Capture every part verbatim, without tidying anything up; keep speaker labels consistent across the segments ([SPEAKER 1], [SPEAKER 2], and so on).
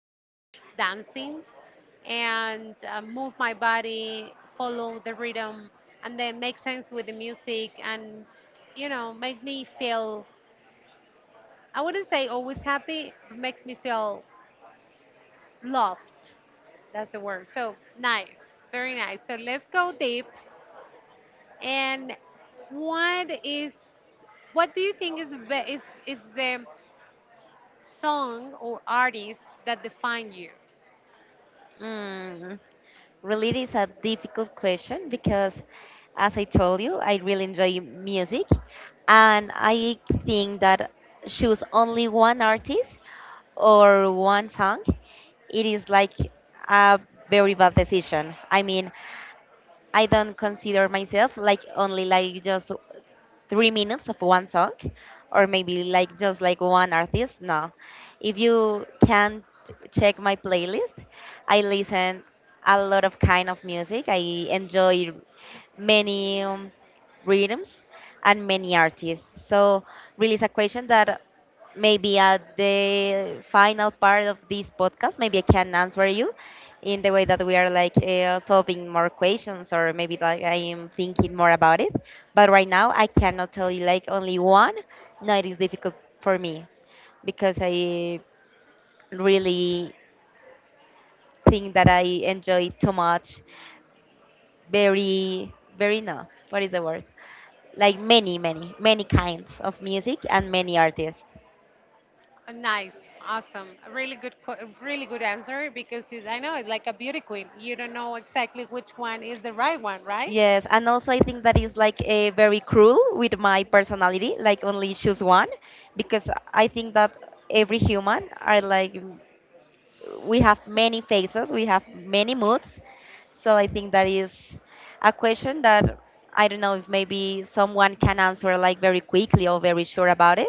[SPEAKER 1] so much dancing and uh, move my body, follow the rhythm, and then make sense with the music and you know, make me feel I wouldn't say always happy, but makes me feel loved. That's the word. So nice, very nice. So let's go deep. And what is, what do you think is the be- is is the song or artist that define you?
[SPEAKER 2] Mm, really, it is a difficult question because, as I told you, I really enjoy music, and I think that choose only one artist or one song, it is like a very bad decision. I mean, I don't consider myself like only like just three minutes of one song or maybe like just like one artist. No. If you can t- check my playlist, I listen a lot of kind of music. I enjoy many um, rhythms and many artists. So really it's a question that maybe at the final part of this podcast, maybe I can answer you in the way that we are like uh, solving more questions or maybe like I am thinking more about it. But right now I cannot tell you like only one. No, it is difficult for me because I really think that I enjoy too much. Very, very no. What is the word? Like many, many, many kinds of music and many artists.
[SPEAKER 1] Uh, Nice, awesome, a really good, que- a really good answer because it, I know it's like a beauty queen. You don't know exactly which one is the right one, right?
[SPEAKER 2] Yes, and also I think that is like a very cruel with my personality, like only choose one, because I think that every human are like m- we have many faces, we have many moods. So I think that is a question that I don't know if maybe someone can answer like very quickly or very sure about it.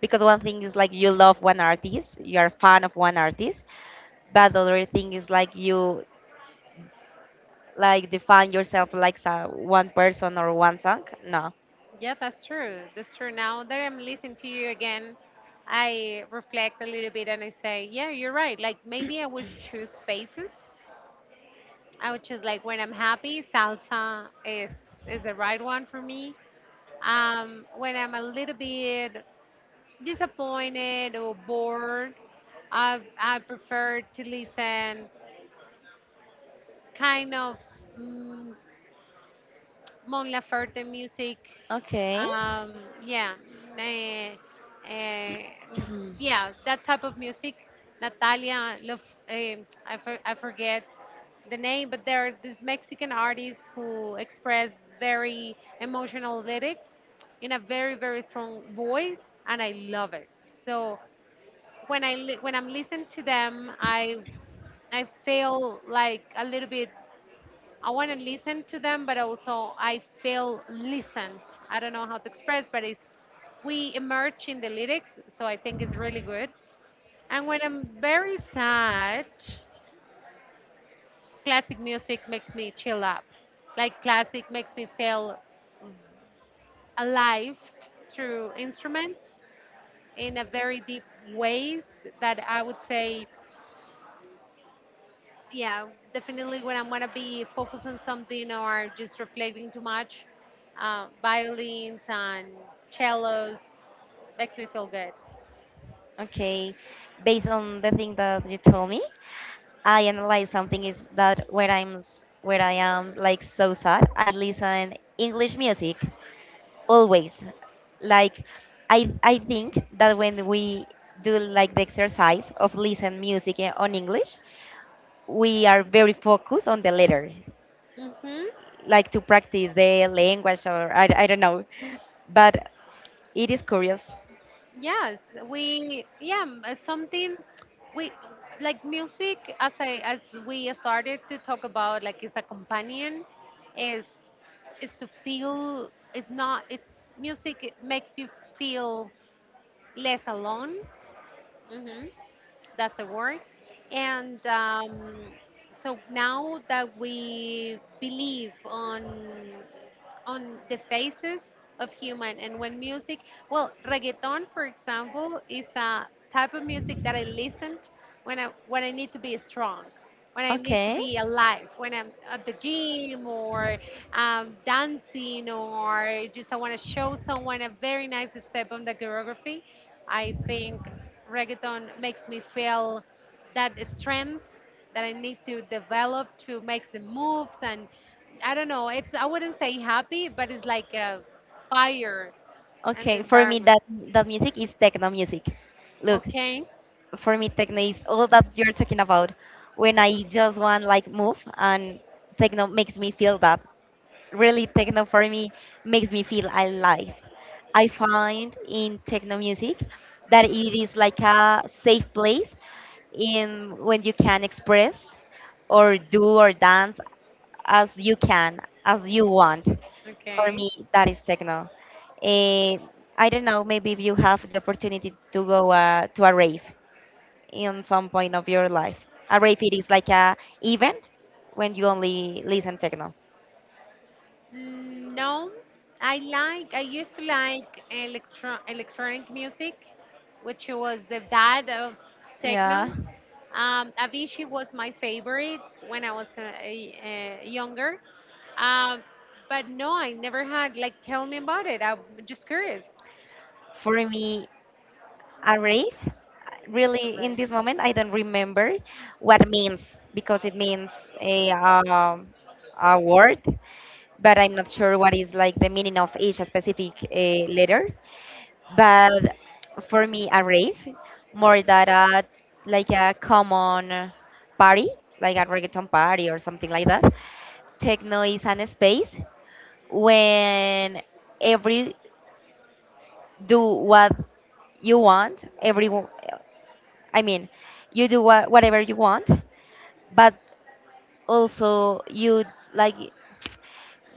[SPEAKER 2] Because one thing is like you love one artist, you are a fan of one artist, but the other thing is like you like define yourself like sa- one person or one song? No.
[SPEAKER 1] Yeah, that's true. That's true. Now that I'm listening to you again, I reflect a little bit and I say, yeah, you're right. Like maybe I would choose faces. I would choose like when I'm happy, salsa is is the right one for me. Um, when I'm a little bit disappointed or bored, I I prefer to listen kind of. Mm, Mon Laferte music.
[SPEAKER 2] Okay.
[SPEAKER 1] Um, yeah, eh, eh, mm,
[SPEAKER 2] Hmm.
[SPEAKER 1] yeah, that type of music. Natalia, Love, eh, I, for, I forget the name, but there are these Mexican artists who express very emotional lyrics in a very very strong voice, and I love it. So when I li- when I'm listening to them, I I feel like a little bit I want to listen to them, but also I feel listened. I don't know how to express, but it's we emerge in the lyrics, so I think it's really good. And when I'm very sad, classic music makes me chill up. Like classic makes me feel alive through instruments in a very deep ways that I would say, yeah, definitely when I'm gonna be focused on something or just reflecting too much, uh, violins and cellos makes me feel good.
[SPEAKER 2] Okay. Based on the thing that you told me, I analyze something is that when I'm s- when I am like so sad, I listen English music always. Like I I think that when we do like the exercise of listen music in- on English, we are very focused on the letter,
[SPEAKER 1] hmm
[SPEAKER 2] like to practice the language or I, I don't know. But it is curious.
[SPEAKER 1] yes, we, yeah, m- uh, something we like music, as i as we started to talk about, like, is a companion, is is to feel, it's not, it's music, it makes you feel less alone, hmm that's the word. And um, so now that we believe on on the faces of human and when music, well, reggaeton for example is a type of music that I listened when i when i need to be strong, when I need to
[SPEAKER 2] Okay.
[SPEAKER 1] be alive, when I'm at the gym or um, dancing, or just I want to show someone a very nice step on the choreography. I think reggaeton makes me feel that strength that I need to develop to make the moves and I don't know. It's I wouldn't say happy, but it's like a fire and
[SPEAKER 2] Okay, for me
[SPEAKER 1] environment.
[SPEAKER 2] that that music is techno music. Look,
[SPEAKER 1] Okay,
[SPEAKER 2] for me techno is all that you're talking about. When I just want like move and techno makes me feel that really techno for me makes me feel alive. I find in techno music that it is like a safe place in when you can express or do or dance as you can, as you want. For
[SPEAKER 1] okay.
[SPEAKER 2] me, that is techno. Eh, I don't know, maybe if you have the opportunity to go uh, to a rave in some point of your life. A rave it is like a event when you only listen techno.
[SPEAKER 1] Mm, No, I like I used to like electro electronic music, which was the dad of techno.
[SPEAKER 2] Yeah.
[SPEAKER 1] Um, Avicii was my favorite when I was uh, a, a younger. Um, but no, I never had like tell me about it. I'm just curious.
[SPEAKER 2] For me, a rave, really
[SPEAKER 1] Right.
[SPEAKER 2] in this moment, I don't remember what means because it means a, um, a word, but I'm not sure what is like the meaning of each specific uh, letter. But for me, a rave, more than a, like a common party, like a reggaeton party or something like that. Techno is an space when every do what you want. Everyone, I mean, you do wha- whatever you want, but also you like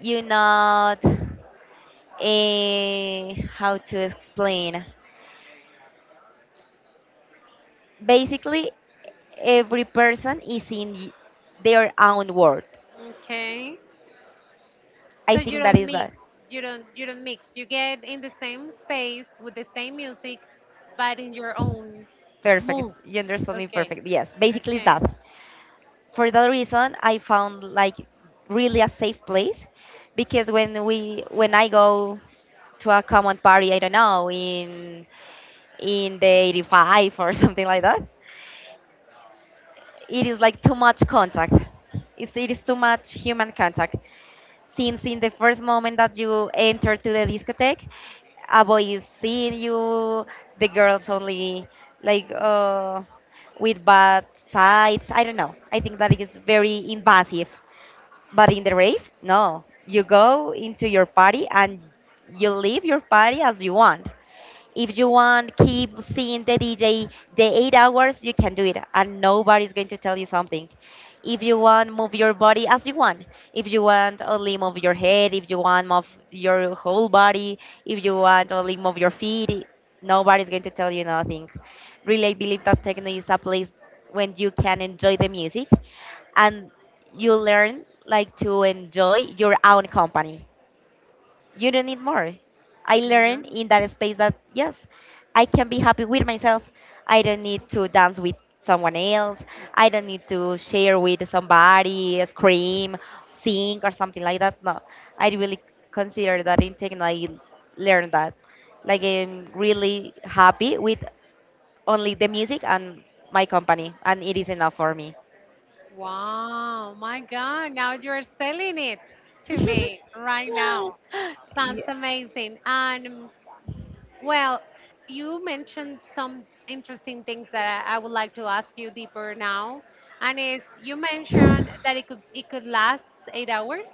[SPEAKER 2] you not a how to explain. Basically, every person is in y- their own world.
[SPEAKER 1] Okay.
[SPEAKER 2] I
[SPEAKER 1] So you
[SPEAKER 2] think that
[SPEAKER 1] don't
[SPEAKER 2] is
[SPEAKER 1] mix.
[SPEAKER 2] that
[SPEAKER 1] You don't you don't mix. You get in the same space with the same music, but in your own
[SPEAKER 2] perfect.
[SPEAKER 1] move.
[SPEAKER 2] You understand me
[SPEAKER 1] Okay.
[SPEAKER 2] perfect. Yes, basically it's
[SPEAKER 1] Okay.
[SPEAKER 2] that. For that reason, I found like really a safe place because when we when I go to a common party, I don't know in in the eighty-five or something like that. It is like too much contact. It's, it is too much human contact. Since in the first moment that you enter to the discotheque, a boy is seeing you, the girls only like uh, with bad sides. I don't know. I think that is very invasive. But in the rave, no. You go into your party and you leave your party as you want. If you want, keep seeing the D J the eight hours, you can do it, and nobody's going to tell you something. If you want, move your body as you want. If you want, only move your head. If you want, move your whole body. If you want, only move your feet. Nobody's going to tell you nothing. Really, I believe that techno is a place when you can enjoy the music and you learn like to enjoy your own company you don't need more. I
[SPEAKER 1] Yeah.
[SPEAKER 2] learned in that space that yes, I can be happy with myself. I don't need to dance with someone else. I don't need to share with somebody, scream, sing, or something like that. No, I really consider that in techno. I learned that. Like I'm really happy with only the music and my company, and it is enough for me.
[SPEAKER 1] Wow, my God. Now you're selling it to me right now. Sounds
[SPEAKER 2] Yeah.
[SPEAKER 1] amazing. And well, you mentioned some interesting things that I, I would like to ask you deeper now. And is you mentioned that it could it could last eight hours.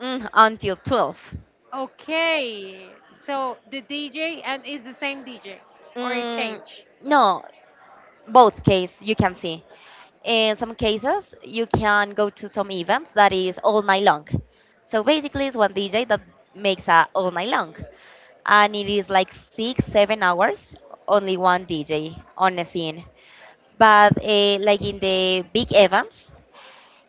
[SPEAKER 2] Mm, until twelve.
[SPEAKER 1] Okay, so the D J and is the same D J or it
[SPEAKER 2] Mm,
[SPEAKER 1] changed?
[SPEAKER 2] no, both case you can see in some cases you can go to some events that is all night long, so basically it's one DJ that makes a all night long, and it is like six seven hours only one DJ on the scene, but uh, like in the big events,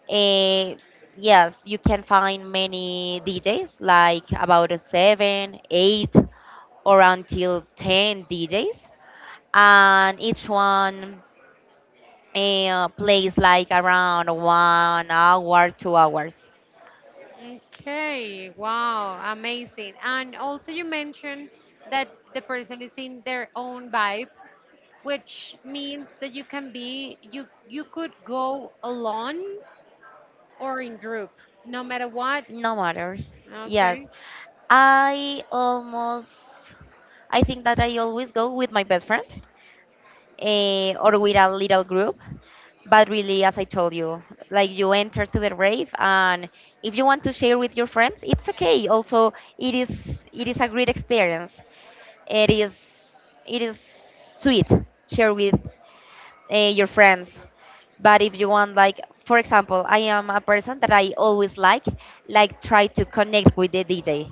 [SPEAKER 2] uh, yes, you can find many DJs like about a seven eight or until ten DJs, and each one uh, plays like around one hour, two hours.
[SPEAKER 1] Okay, wow, amazing. And also you mentioned that the person is in their own vibe, which means that you can be you you could go alone or in group, no matter what.
[SPEAKER 2] No matter.
[SPEAKER 1] Okay.
[SPEAKER 2] Yes. I almost, I think that I always go with my best friend uh, or with a little group. But really, as I told you, like you enter to the rave, and if you want to share with your friends, it's okay. Also, it is it is a great experience. It is it is sweet share with uh, your friends. But if you want, like, for example, I am a person that I always like, like, try to connect with the D J.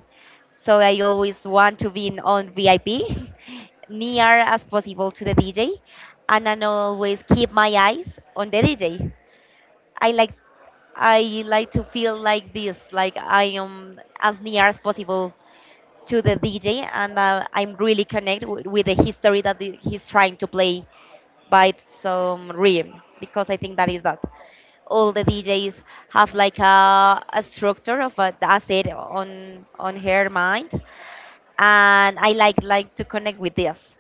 [SPEAKER 2] So I always want to be in on V I P, near as possible to the D J, and I always keep my eyes on the D J. I like I like to feel like this, like I am as near as possible to the D J, and uh, I'm really connected with the history that the- he's trying to play by some rhythm, because I think that is that all the D Js have like a, a structure of a, a set on on her mind, and I like like to connect with this.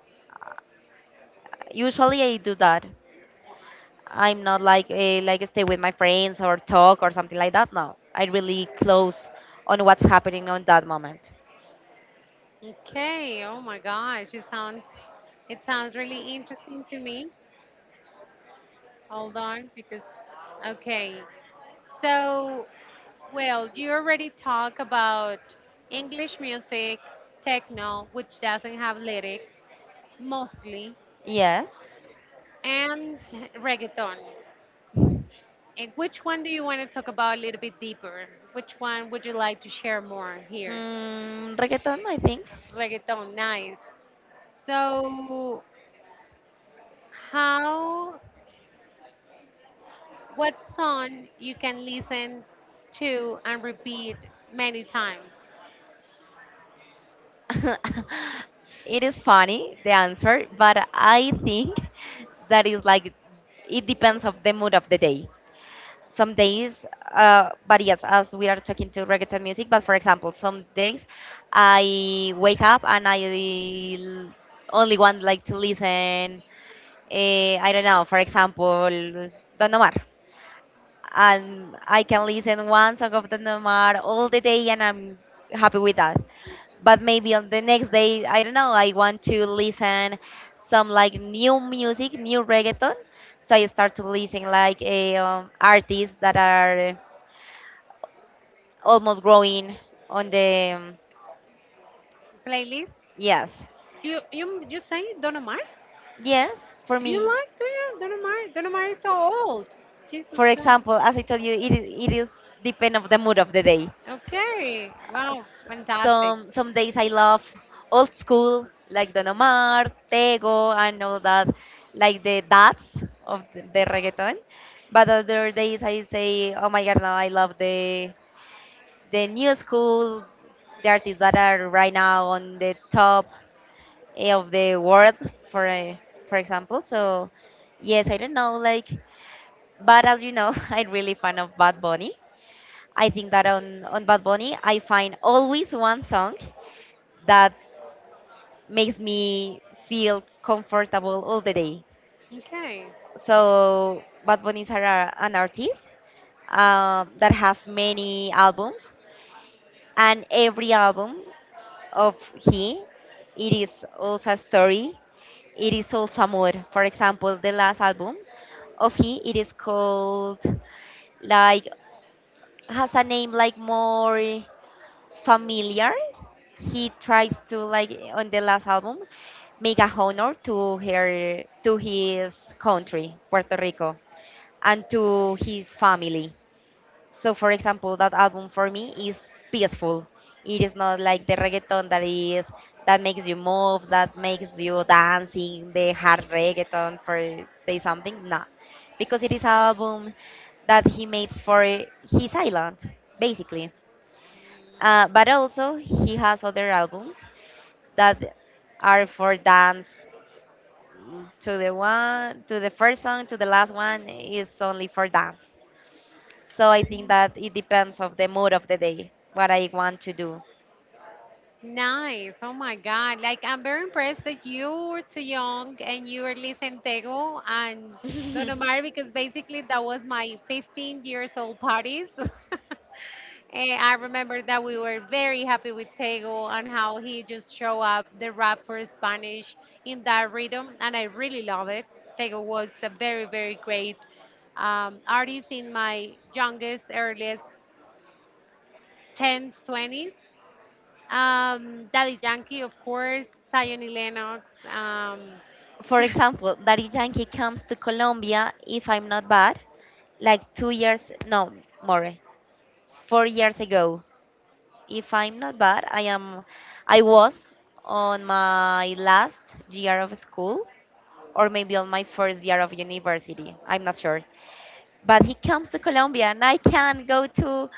[SPEAKER 2] Usually I do that. I'm not like eh, like stay with my friends or talk or something like that. No, I really close on what's happening on that moment.
[SPEAKER 1] Okay. Oh my gosh, it sounds it sounds really interesting to me. Hold on, because okay. So, well, you already talk about English music, techno, which doesn't have lyrics, mostly,
[SPEAKER 2] Yes,
[SPEAKER 1] and reggaeton. And which one do you want to talk about a little bit deeper? Which one would you like to share more here?
[SPEAKER 2] mm, reggaeton I think.
[SPEAKER 1] Reggaeton, nice. So, how, what song you can listen to and repeat many times?
[SPEAKER 2] it is funny the answer, but I think that is like it depends of the mood of the day. Some days, uh, but yes, as we are talking to reggaeton music, but for example, some days I wake up and I l- only want like to listen. Uh, I don't know, for example, Don Omar, and I can listen one song of the Nomad all the day and I'm happy with that. But maybe on the next day, I don't know, I want to listen some like new music, new reggaeton. So I start to listen like eh, um, artists that are almost growing on the um,
[SPEAKER 1] Playlist.
[SPEAKER 2] yes,
[SPEAKER 1] Do you you you say Don Omar?
[SPEAKER 2] yes for
[SPEAKER 1] Do you
[SPEAKER 2] me.
[SPEAKER 1] like Don, Don Omar? Don Omar is so old. Jesus
[SPEAKER 2] For
[SPEAKER 1] Christ.
[SPEAKER 2] example, as I told you, it is it is depend of the mood of the day.
[SPEAKER 1] Okay. Wow.
[SPEAKER 2] s-
[SPEAKER 1] Fantastic.
[SPEAKER 2] some some days I love old school like Don Omar, Tego, and all that, like the dads of the, the reggaeton. But other days I say, oh my god, no, I love the the new school, the artists that are right now on the top, eh, of the world, for eh, for example. So yes, I don't know, like, but as you know, I'm really fan of Bad Bunny. I think that on, on Bad Bunny, I find always one song that makes me feel comfortable all the day.
[SPEAKER 1] Okay.
[SPEAKER 2] So Bad Bunny is a- an artist um, that have many albums, and every album of he, it is also a story. It is also amor. For example, the last album of he, it is called like has a name like more, familiar. He tries to like on the last album make a honor to her to his country, Puerto Rico, and to his family. So for example, that album for me is peaceful. It is not like the reggaeton that is that makes you move, that makes you dancing, the hard reggaeton for say something. No. Because it is an album that he makes for his island, basically. Uh, but
[SPEAKER 1] Mm.
[SPEAKER 2] also, he has other albums that are for dance. To the one, to the first song, to the last one is only for dance. So I think that it depends of the mood of the day, what I want to do.
[SPEAKER 1] Nice. Oh my God. Like, I'm very impressed that you were so young and you were listening Tego and Don Omar because basically that was my fifteen years old party. So and I remember that we were very happy with Tego and how he just showed up the rap for Spanish in that rhythm. And I really love it. Tego was a very, very great um, artist in my youngest, earliest tens, twenties. Um, Daddy Yankee, of course, Zion Lennox. Um,
[SPEAKER 2] For example, Daddy Yankee comes to Colombia, if I'm not bad, like two years, no, more. Four years ago. If I'm not bad, I am I was on my last year of school or maybe on my first year of university. I'm not sure. But he comes to Colombia and I can go to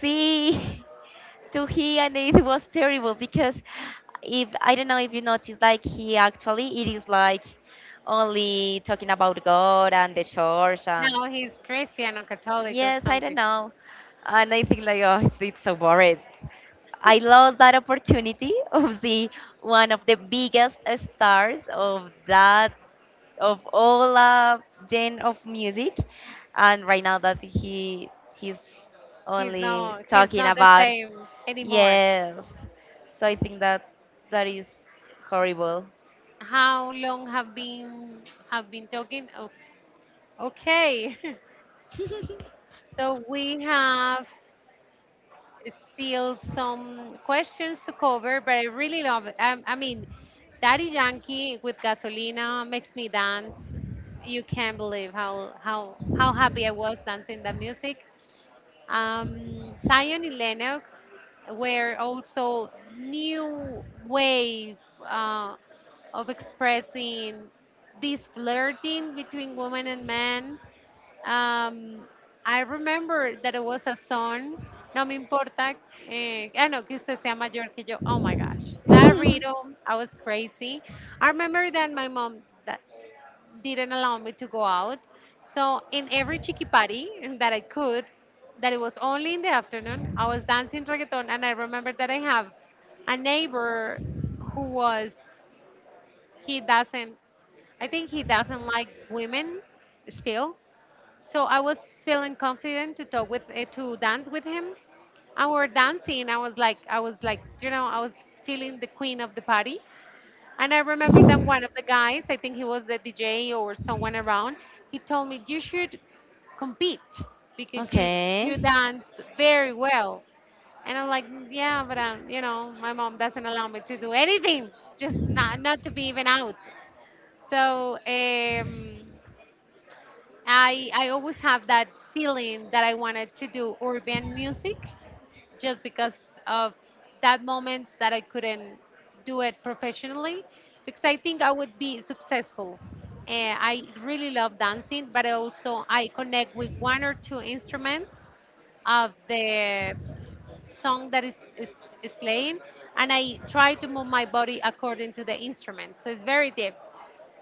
[SPEAKER 2] see to he, and it was terrible because if I don't know if you notice, like, he actually it is like only talking about God and the church, and
[SPEAKER 1] Now he's Christian or Catholic or
[SPEAKER 2] yes, I don't
[SPEAKER 1] something.
[SPEAKER 2] know. And I think like, oh, it's, it's so boring. I lost that opportunity of see one of the biggest stars of that of all uh, genre of music, and right now that he he's
[SPEAKER 1] He's
[SPEAKER 2] only
[SPEAKER 1] not he's
[SPEAKER 2] talking
[SPEAKER 1] not the
[SPEAKER 2] about,
[SPEAKER 1] same anymore.
[SPEAKER 2] yes, so I
[SPEAKER 1] Like
[SPEAKER 2] think that that is horrible.
[SPEAKER 1] how long have been have been talking? Oh, okay. So we have still some questions to cover, but I really love it. I, I mean, Daddy Yankee with Gasolina makes me dance. You can't believe how how how happy I was dancing the music. Um, Zion and Lennox were also new wave uh, of expressing this flirting between women and men, um, I remember that it was a song, No Me Importa, eh, ah, no, que usted sea mayor que yo. Oh my gosh, that riddle, I was crazy. I remember that my mom that didn't allow me to go out. So in every chiqui party that I could, that it was only in the afternoon, I was dancing reggaeton and I remember that I have a neighbor who was, he doesn't, I think he doesn't like women still. So I was feeling confident to talk with eh, to dance with him. And we're dancing. I was like, I was like, you know, I was feeling the queen of the party. And I remember that one of the guys, I think he was the D J or someone around, he told me you should compete because you you
[SPEAKER 2] Okay.
[SPEAKER 1] dance very well. And I'm like, "Mm, yeah, but um, you know, my mom doesn't allow me to do anything, just not not to be even out. So um, I I always have that feeling that I wanted to do urban music just because of that moments that I couldn't do it professionally because I think I would be successful. Uh, I really love dancing, but I also I connect with one or two instruments of the song that is, is, is playing and I try to move my body according to the instrument. So it's very deep.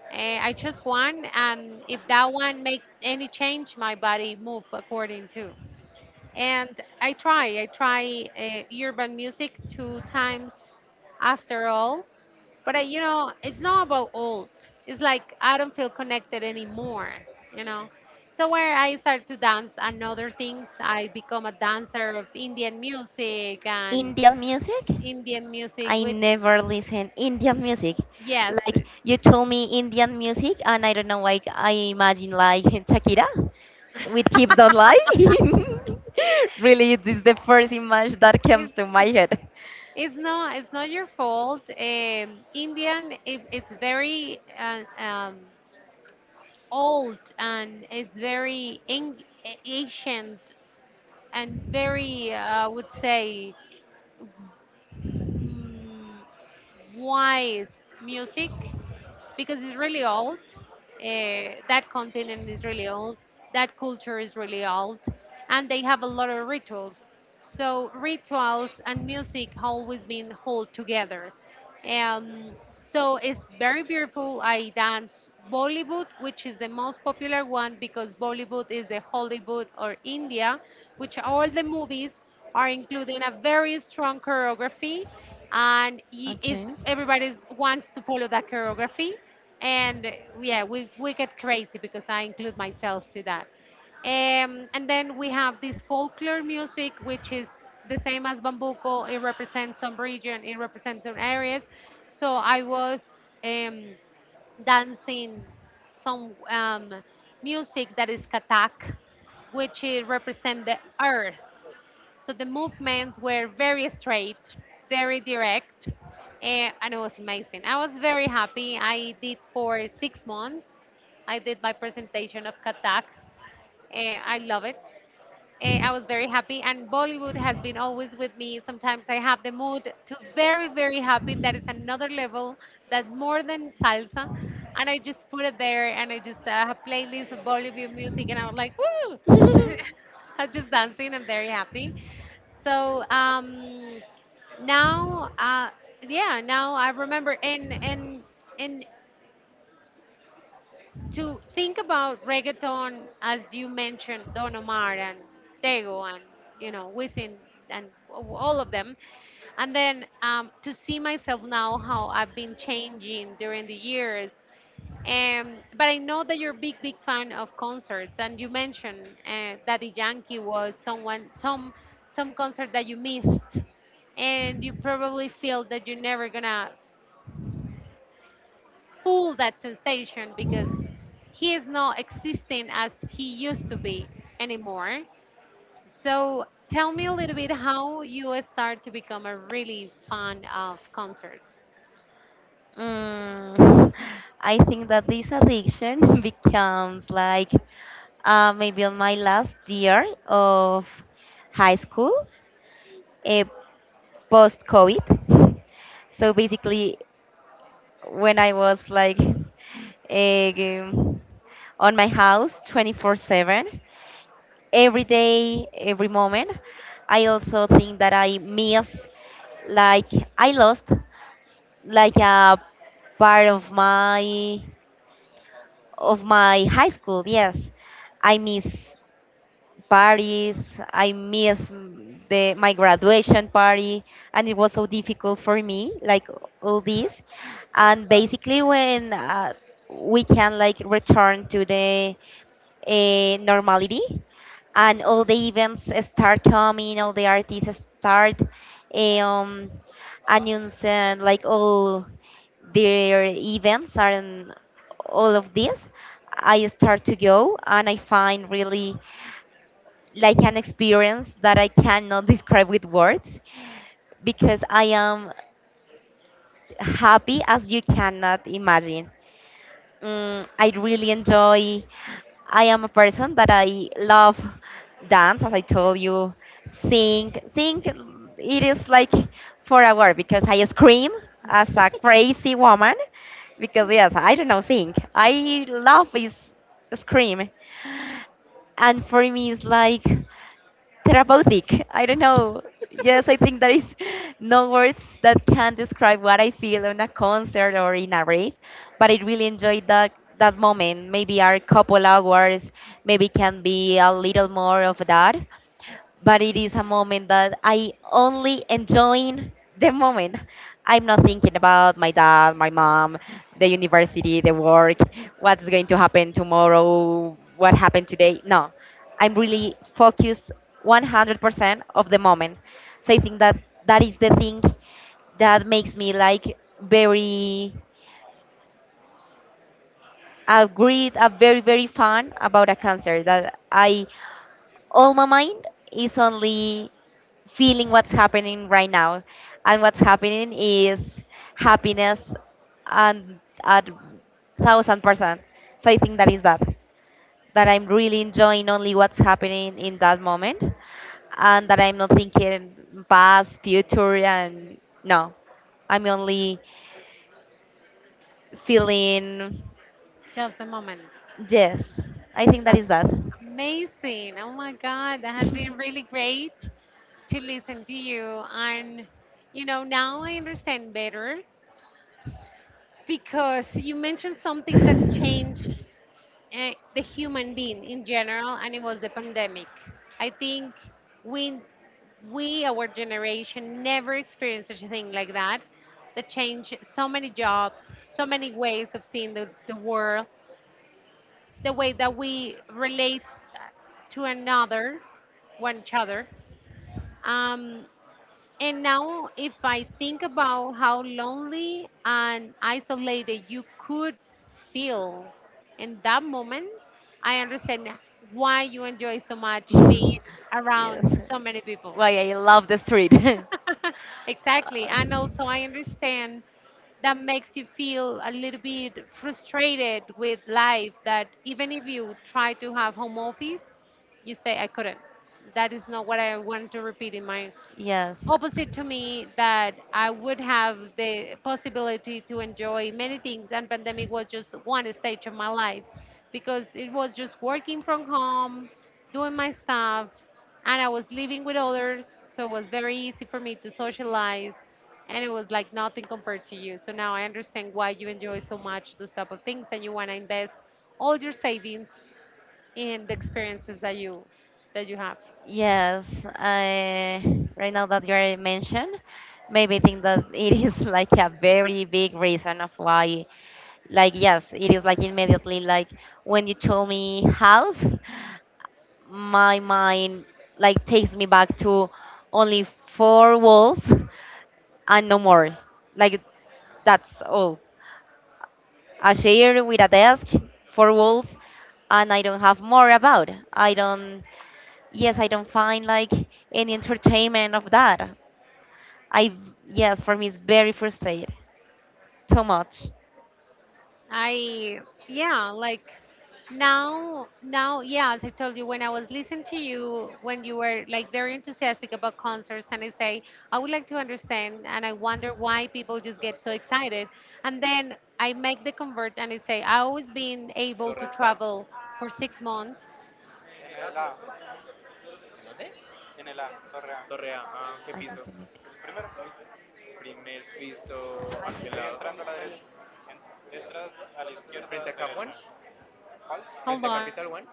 [SPEAKER 1] Eh, I choose one, and if that one makes any change, my body move according to. And I try, I try uh, urban music two times after all. But I, you know, it's not about old. It's like I don't feel connected anymore, you know. So where I start to dance and other things, I become a dancer of Indian music and
[SPEAKER 2] Indian music?
[SPEAKER 1] Indian music,
[SPEAKER 2] I
[SPEAKER 1] which
[SPEAKER 2] never listen Indian music.
[SPEAKER 1] yes,
[SPEAKER 2] Like
[SPEAKER 1] it
[SPEAKER 2] you told me Indian music, and I don't know. Like I imagine like Shakira with Hips Don't Lie. Really, this is the first image that comes to my head.
[SPEAKER 1] It's not, it's not your fault. Um, Indian, it, it's very uh, um, old and it's very ang- ancient and very, uh, I would say, mm, wise music because it's really old. Uh, that continent is really old, that culture is really old, and they have a lot of rituals. So rituals and music always been hold together. Um, so it's very beautiful. I dance Bollywood, which is the most popular one because Bollywood is the Hollywood or India, which all the movies are including a very strong choreography, and y- is
[SPEAKER 2] Okay.
[SPEAKER 1] everybody wants to follow that choreography and yeah, we, we get crazy because I include myself to that. Um, and then we have this folklore music, which is the same as bambuco. It represents some region, it represents some areas. So I was um, dancing some um, music that is katak, which represents the earth. So the movements were very straight, very direct, eh, and it was amazing. I was very happy. I did for six months. I did my presentation of Katak. eh, I love it, eh, I was very happy, and Bollywood has been always with me. Sometimes I have the mood to very, very happy. That is another level that more than salsa. And I just put it there, and I just uh, have playlist of Bollywood music, and I'm like, woo! I'm just dancing. I'm very happy. So um, now, uh, yeah, now I remember in in in to think about reggaeton, as you mentioned, Don Omar and Tego and you know Wisin and all of them, and then um, to see myself now how I've been changing during the years. Um, but I know that you're a big, big fan of concerts, and you mentioned uh, Daddy Yankee was someone, some, some concert that you missed, and you probably feel that you're never gonna full that sensation because he is not existing as he used to be anymore. So tell me a little bit how you start to become a really fan of concerts.
[SPEAKER 2] Mm, I think that this addiction becomes like uh, maybe on my last year of high school, uh, post COVID. So basically, when I was like eh, on my house twenty-four seven, every day, every moment, I also think that I miss, like, I lost like a part of my of my high school, yes, I miss parties, I miss mm, the my graduation party, and it was so difficult for me, like, all this. And basically when uh, we can like return to the eh, normality, and all the events start coming, all the artists start eh, um, announcing like all their events and all of this, I start to go, and I find really like an experience that I cannot describe with words, because I am happy as you cannot imagine. Mm, I really enjoy. I am a person that I love dance, as I told you. Sing, sing. It is like for a while because I scream as a crazy woman. Because yes, I don't know, sing. I love is scream, and for me it's like therapeutic. I don't know. Yes, I think there is no words that can describe what I feel on a concert or in a rave, but I really enjoyed that that moment. Maybe our couple hours, maybe can be a little more of that, but it is a moment that I only enjoying the moment. I'm not thinking about my dad, my mom, the university, the work, what's going to happen tomorrow, what happened today. No, I'm really focused one hundred percent of the moment. So I think that that is the thing that makes me like very agreed, uh, very very fun about a concert, that I all my mind is only feeling what's happening right now, and what's happening is happiness and at thousand percent. So I think
[SPEAKER 1] Okay.
[SPEAKER 2] that is that that I'm really enjoying only what's happening in that moment, and that I'm not thinking past, future, and no, I'm only feeling,
[SPEAKER 1] Just a moment.
[SPEAKER 2] yes, I think that
[SPEAKER 1] Just.
[SPEAKER 2] is that.
[SPEAKER 1] Amazing. Oh my God, that has been really great to listen to you. And, you know, now I understand better because you mentioned something that changed uh, the human being in general, and it was the pandemic. I think we, we, our generation never experienced such a thing like that. That changed so many jobs, so many ways of seeing the, the world, the way that we relate to another, one each other. Um, and now, if I think about how lonely and isolated you could feel in that moment, I understand why you enjoy so much being
[SPEAKER 2] Yes.
[SPEAKER 1] around so many people.
[SPEAKER 2] Why I love the street.
[SPEAKER 1] Exactly. And also, I understand that makes you feel a little bit frustrated with
[SPEAKER 2] Uh,
[SPEAKER 1] life that even if you try to have home office, you say, I couldn't. That is not what I want to repeat in my
[SPEAKER 2] Yes.
[SPEAKER 1] opposite to me that I would have the possibility to enjoy many things and pandemic was just one stage of my life because it was just working from home, doing my stuff and I was living with others so it was very easy for me to socialize and it was like nothing compared to you. So now I understand why you enjoy so much those type of things and you want to invest all your savings in the experiences that you that you have.
[SPEAKER 2] Yes, I right now that you are mentioned, maybe think that it is like a very big reason of why, like, yes, it is like immediately, like, when you told me house, my mind like takes me back to only four walls and no more. Like, that's all. A chair with a desk, four walls, and I don't have more about. I don't, yes, I don't find like any entertainment of that. I, yes, for me it's very frustrating, too much.
[SPEAKER 1] I yeah, like now now yeah, as I told you when I was listening to you when you were like very enthusiastic about concerts and I say I would like to understand and I wonder why people just get so excited and then I make the convert and I say I always been
[SPEAKER 3] ¿Qué
[SPEAKER 1] able to
[SPEAKER 3] torre está?
[SPEAKER 1] travel for six months.
[SPEAKER 3] En el A. ¿En dónde? En el A, torre A. Torre A. Ah, ¿qué
[SPEAKER 2] Alguien
[SPEAKER 3] piso?
[SPEAKER 2] se metió.
[SPEAKER 3] El primero. Primer piso. ¿A
[SPEAKER 2] Alguien
[SPEAKER 3] qué
[SPEAKER 2] se
[SPEAKER 3] lado?
[SPEAKER 2] metió en
[SPEAKER 3] Entrando a la
[SPEAKER 2] nuestro link.
[SPEAKER 3] derecha. En- Entras a la izquierda. ¿Frente a derecha. Capuán? ¿Cuál?
[SPEAKER 1] Hold
[SPEAKER 3] ¿Frente a
[SPEAKER 1] on.
[SPEAKER 3] Capital One?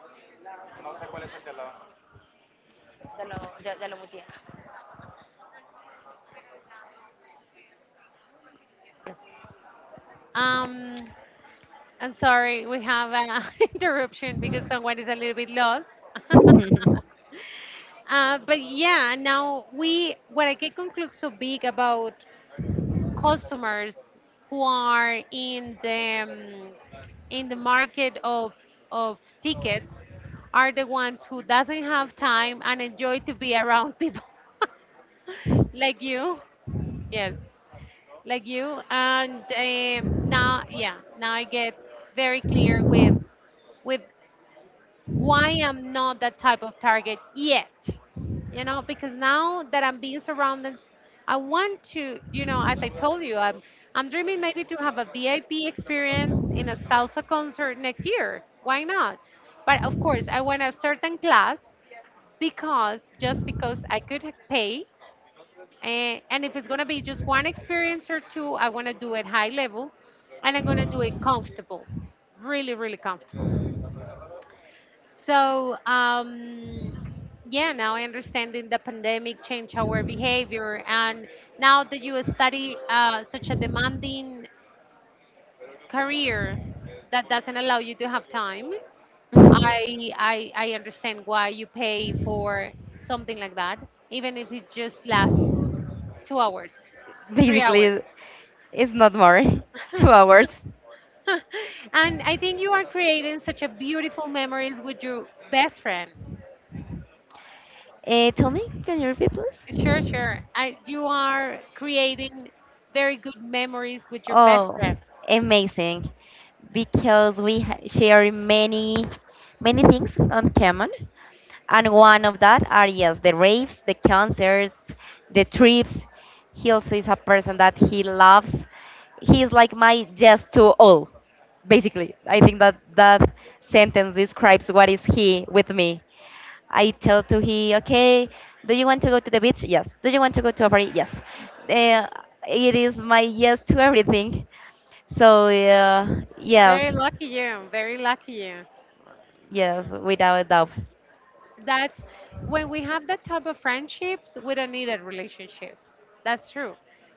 [SPEAKER 3] No sé cuál es el de al lado.
[SPEAKER 2] Ya lo, ya, ya lo
[SPEAKER 1] Um I'm sorry, we have an interruption because someone is a little bit lost.
[SPEAKER 2] muteé.
[SPEAKER 1] Uh, but yeah, now we what I can conclude so big about customers who are in the um, in the market of of tickets are the ones who doesn't have time and enjoy to be around people like you yes like you and um now yeah now I get very clear with with why I'm not that type of target yet. You know, because now that I'm being surrounded, I want to, you know, as I told you, I'm I'm dreaming maybe to have a V I P experience in a salsa concert next year. Why not? But of course, I want a certain class because just because I could h- pay, and and if it's gonna be just one experience or two, I want to do it high level, and I'm gonna do it comfortable, really, really comfortable. So, um, yeah, now I understand in the pandemic changed our behavior. And now that you study uh, such a demanding career that doesn't allow you to have time, I, I, I understand why you pay for something like that, even if it just lasts two hours, three hours.
[SPEAKER 2] Basically it's not more two hours
[SPEAKER 1] And I think you are creating such a beautiful memories with your best friend.
[SPEAKER 2] uh, Tell me, can you repeat please?
[SPEAKER 1] Sure, sure. I, you are creating very good memories with your best
[SPEAKER 2] Oh,
[SPEAKER 1] friend.
[SPEAKER 2] amazing. Because we ha- share many many things on common. And one of that are, yes, the raves, the concerts, the trips. He also is a person that he loves. He's like my yes to all, basically. I think that that sentence describes what is he with me. I tell to he, okay, do you want to go to the beach? Yes. Do you want to go to a party? Yes. Uh, it is my yes to everything. So uh, yes,
[SPEAKER 1] Very lucky you. Very lucky you.
[SPEAKER 2] yes, without a doubt.
[SPEAKER 1] That's when we have that type of friendships, we don't need a relationship. That's true.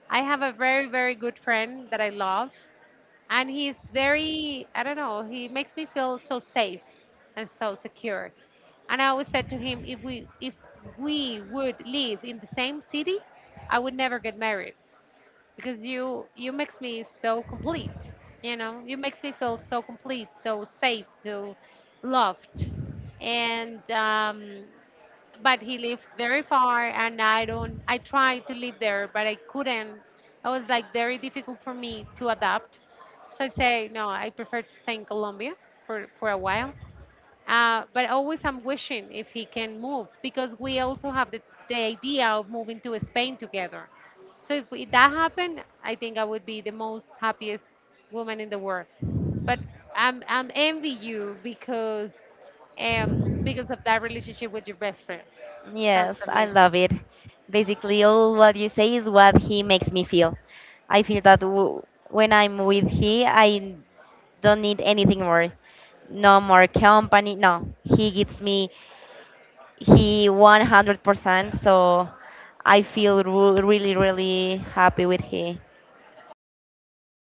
[SPEAKER 1] I have a very, very good friend that I love, and he's very, I don't know, he makes me feel so safe and so secure. And I always said to him, if we if we would live in the same city, I would never get married because you you makes me so complete. You know, you makes me feel so complete, so safe, so loved, and um, but he lives very far, and I don't. I tried to live there, but I couldn't. It was like very difficult for me to adapt. So I say no. I prefer to stay in Colombia for for a while uh, but always I'm wishing if he can move because we also have the, the idea of moving to Spain together. So if, we- that happened, I think I would be the most happiest woman in the world. But I'm I'm envy you because um because of that relationship with your best friend. Sounds
[SPEAKER 2] Yes, I
[SPEAKER 1] amazing.
[SPEAKER 2] love it. Basically, all what you say is what he makes me feel. I feel that w- when I'm with he, I don't need anything more. No more company. No, he gives me He one hundred percent, so I feel ru- really, really happy with he.